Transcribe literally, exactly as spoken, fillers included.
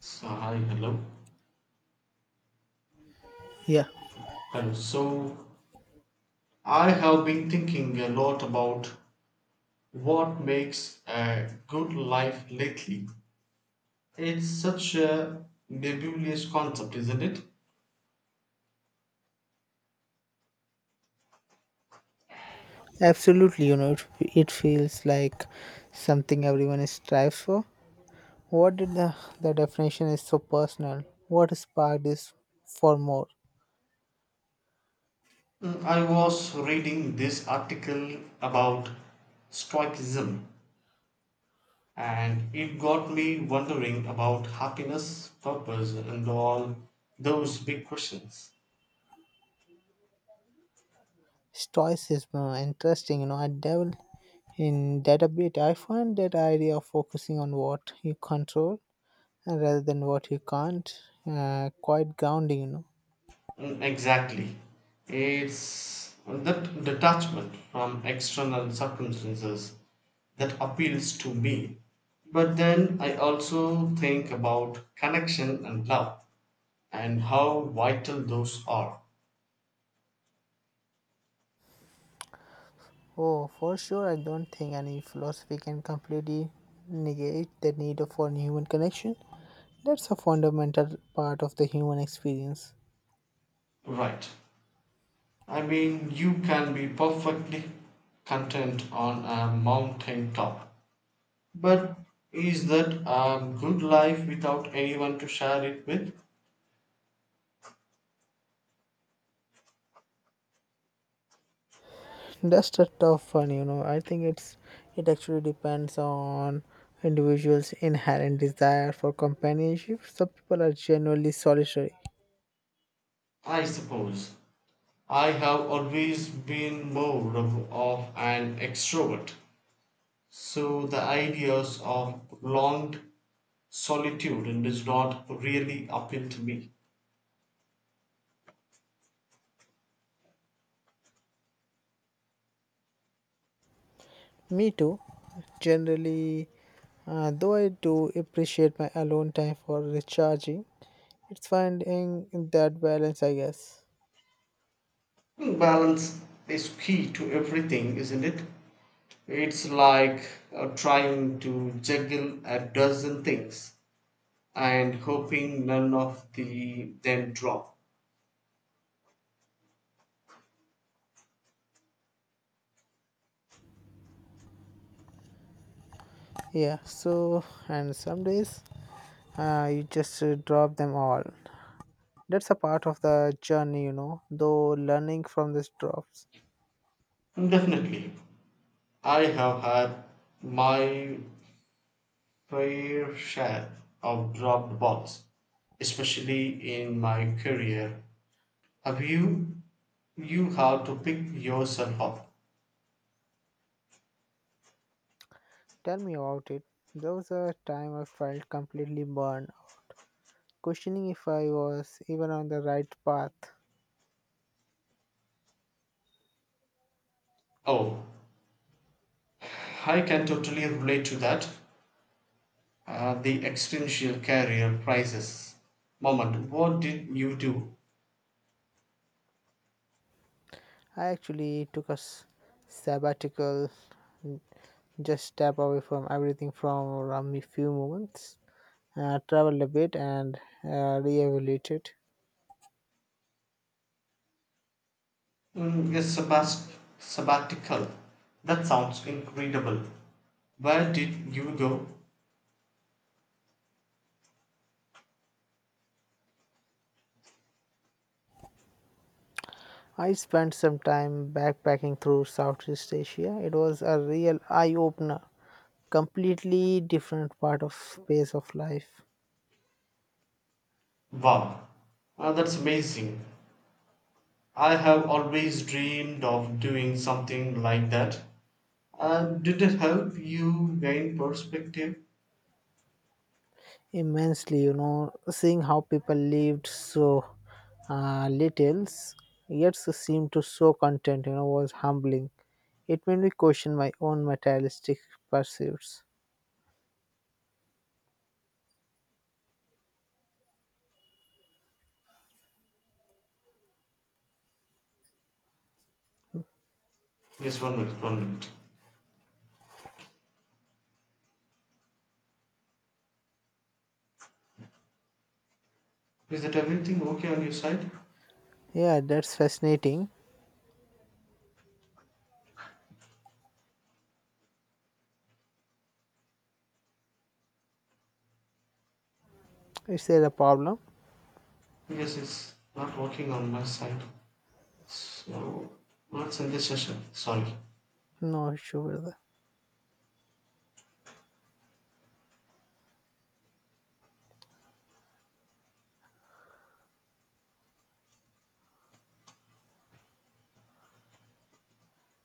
So, hi, hello. Yeah, Hello. So, I have been thinking a lot about what makes a good life lately. It's such a nebulous concept, isn't it? absolutely. You know, it, it feels like something everyone strives for. What did the, the definition is so personal? What sparked this for more? Mm, I was reading this article about stoicism, and it got me wondering about happiness, purpose, and all those big questions. Stoicism, uh, interesting. You know, I dabble in that a bit. I find that idea of focusing on what you control, uh, rather than what you can't, uh, quite grounding, you know. Mm, exactly. It's that detachment from external circumstances that appeals to me. But then I also think about connection and love and how vital those are. Oh, for sure, I don't think any philosophy can completely negate the need for human connection. That's a fundamental part of the human experience. Right. I mean, you can be perfectly content on a mountain top. But is that a good life without anyone to share it with? That's a tough one, you know. I think it's it actually depends on individuals' inherent desire for companionship. Some people are generally solitary. I suppose. I have always been more of of an extrovert, so the ideas of prolonged solitude does not really appeal to me. Me too. Generally, uh, though I do appreciate my alone time for recharging, it's finding that balance, I guess. Balance is key to everything, isn't it? It's like uh, trying to juggle a dozen things and hoping none of the them drop. Yeah. So, and some days, uh, you just uh, drop them all. That's a part of the journey, you know, though learning from these drops. Definitely, I have had my fair share of dropped balls, especially in my career. Have you you had to pick yourself up? Tell me about it. There was a time I felt completely burned, questioning if I was even on the right path. Oh, I can totally relate to that. Uh, the existential career crisis moment. What did you do? I actually took a s- sabbatical, n- just step away from everything from around me few moments, uh, traveled a bit and uh, reevaluated. Mm, a sabbat- sabbatical. That sounds incredible. Where did you go? I spent some time backpacking through Southeast Asia. It was a real eye opener. Completely different part of pace of life. Wow, ah, that's amazing. I have always dreamed of doing something like that. Uh, did it help you gain perspective? Immensely, you know, seeing how people lived so, uh, little, yet so seemed to so content, you know, was humbling. It made me question my own materialistic pursuits. Yes, one minute, one minute. Is that everything okay on your side? Yeah, that's fascinating. Is there a problem? Because it's not working on my side. So, let's end this session. Sorry. No issue with that.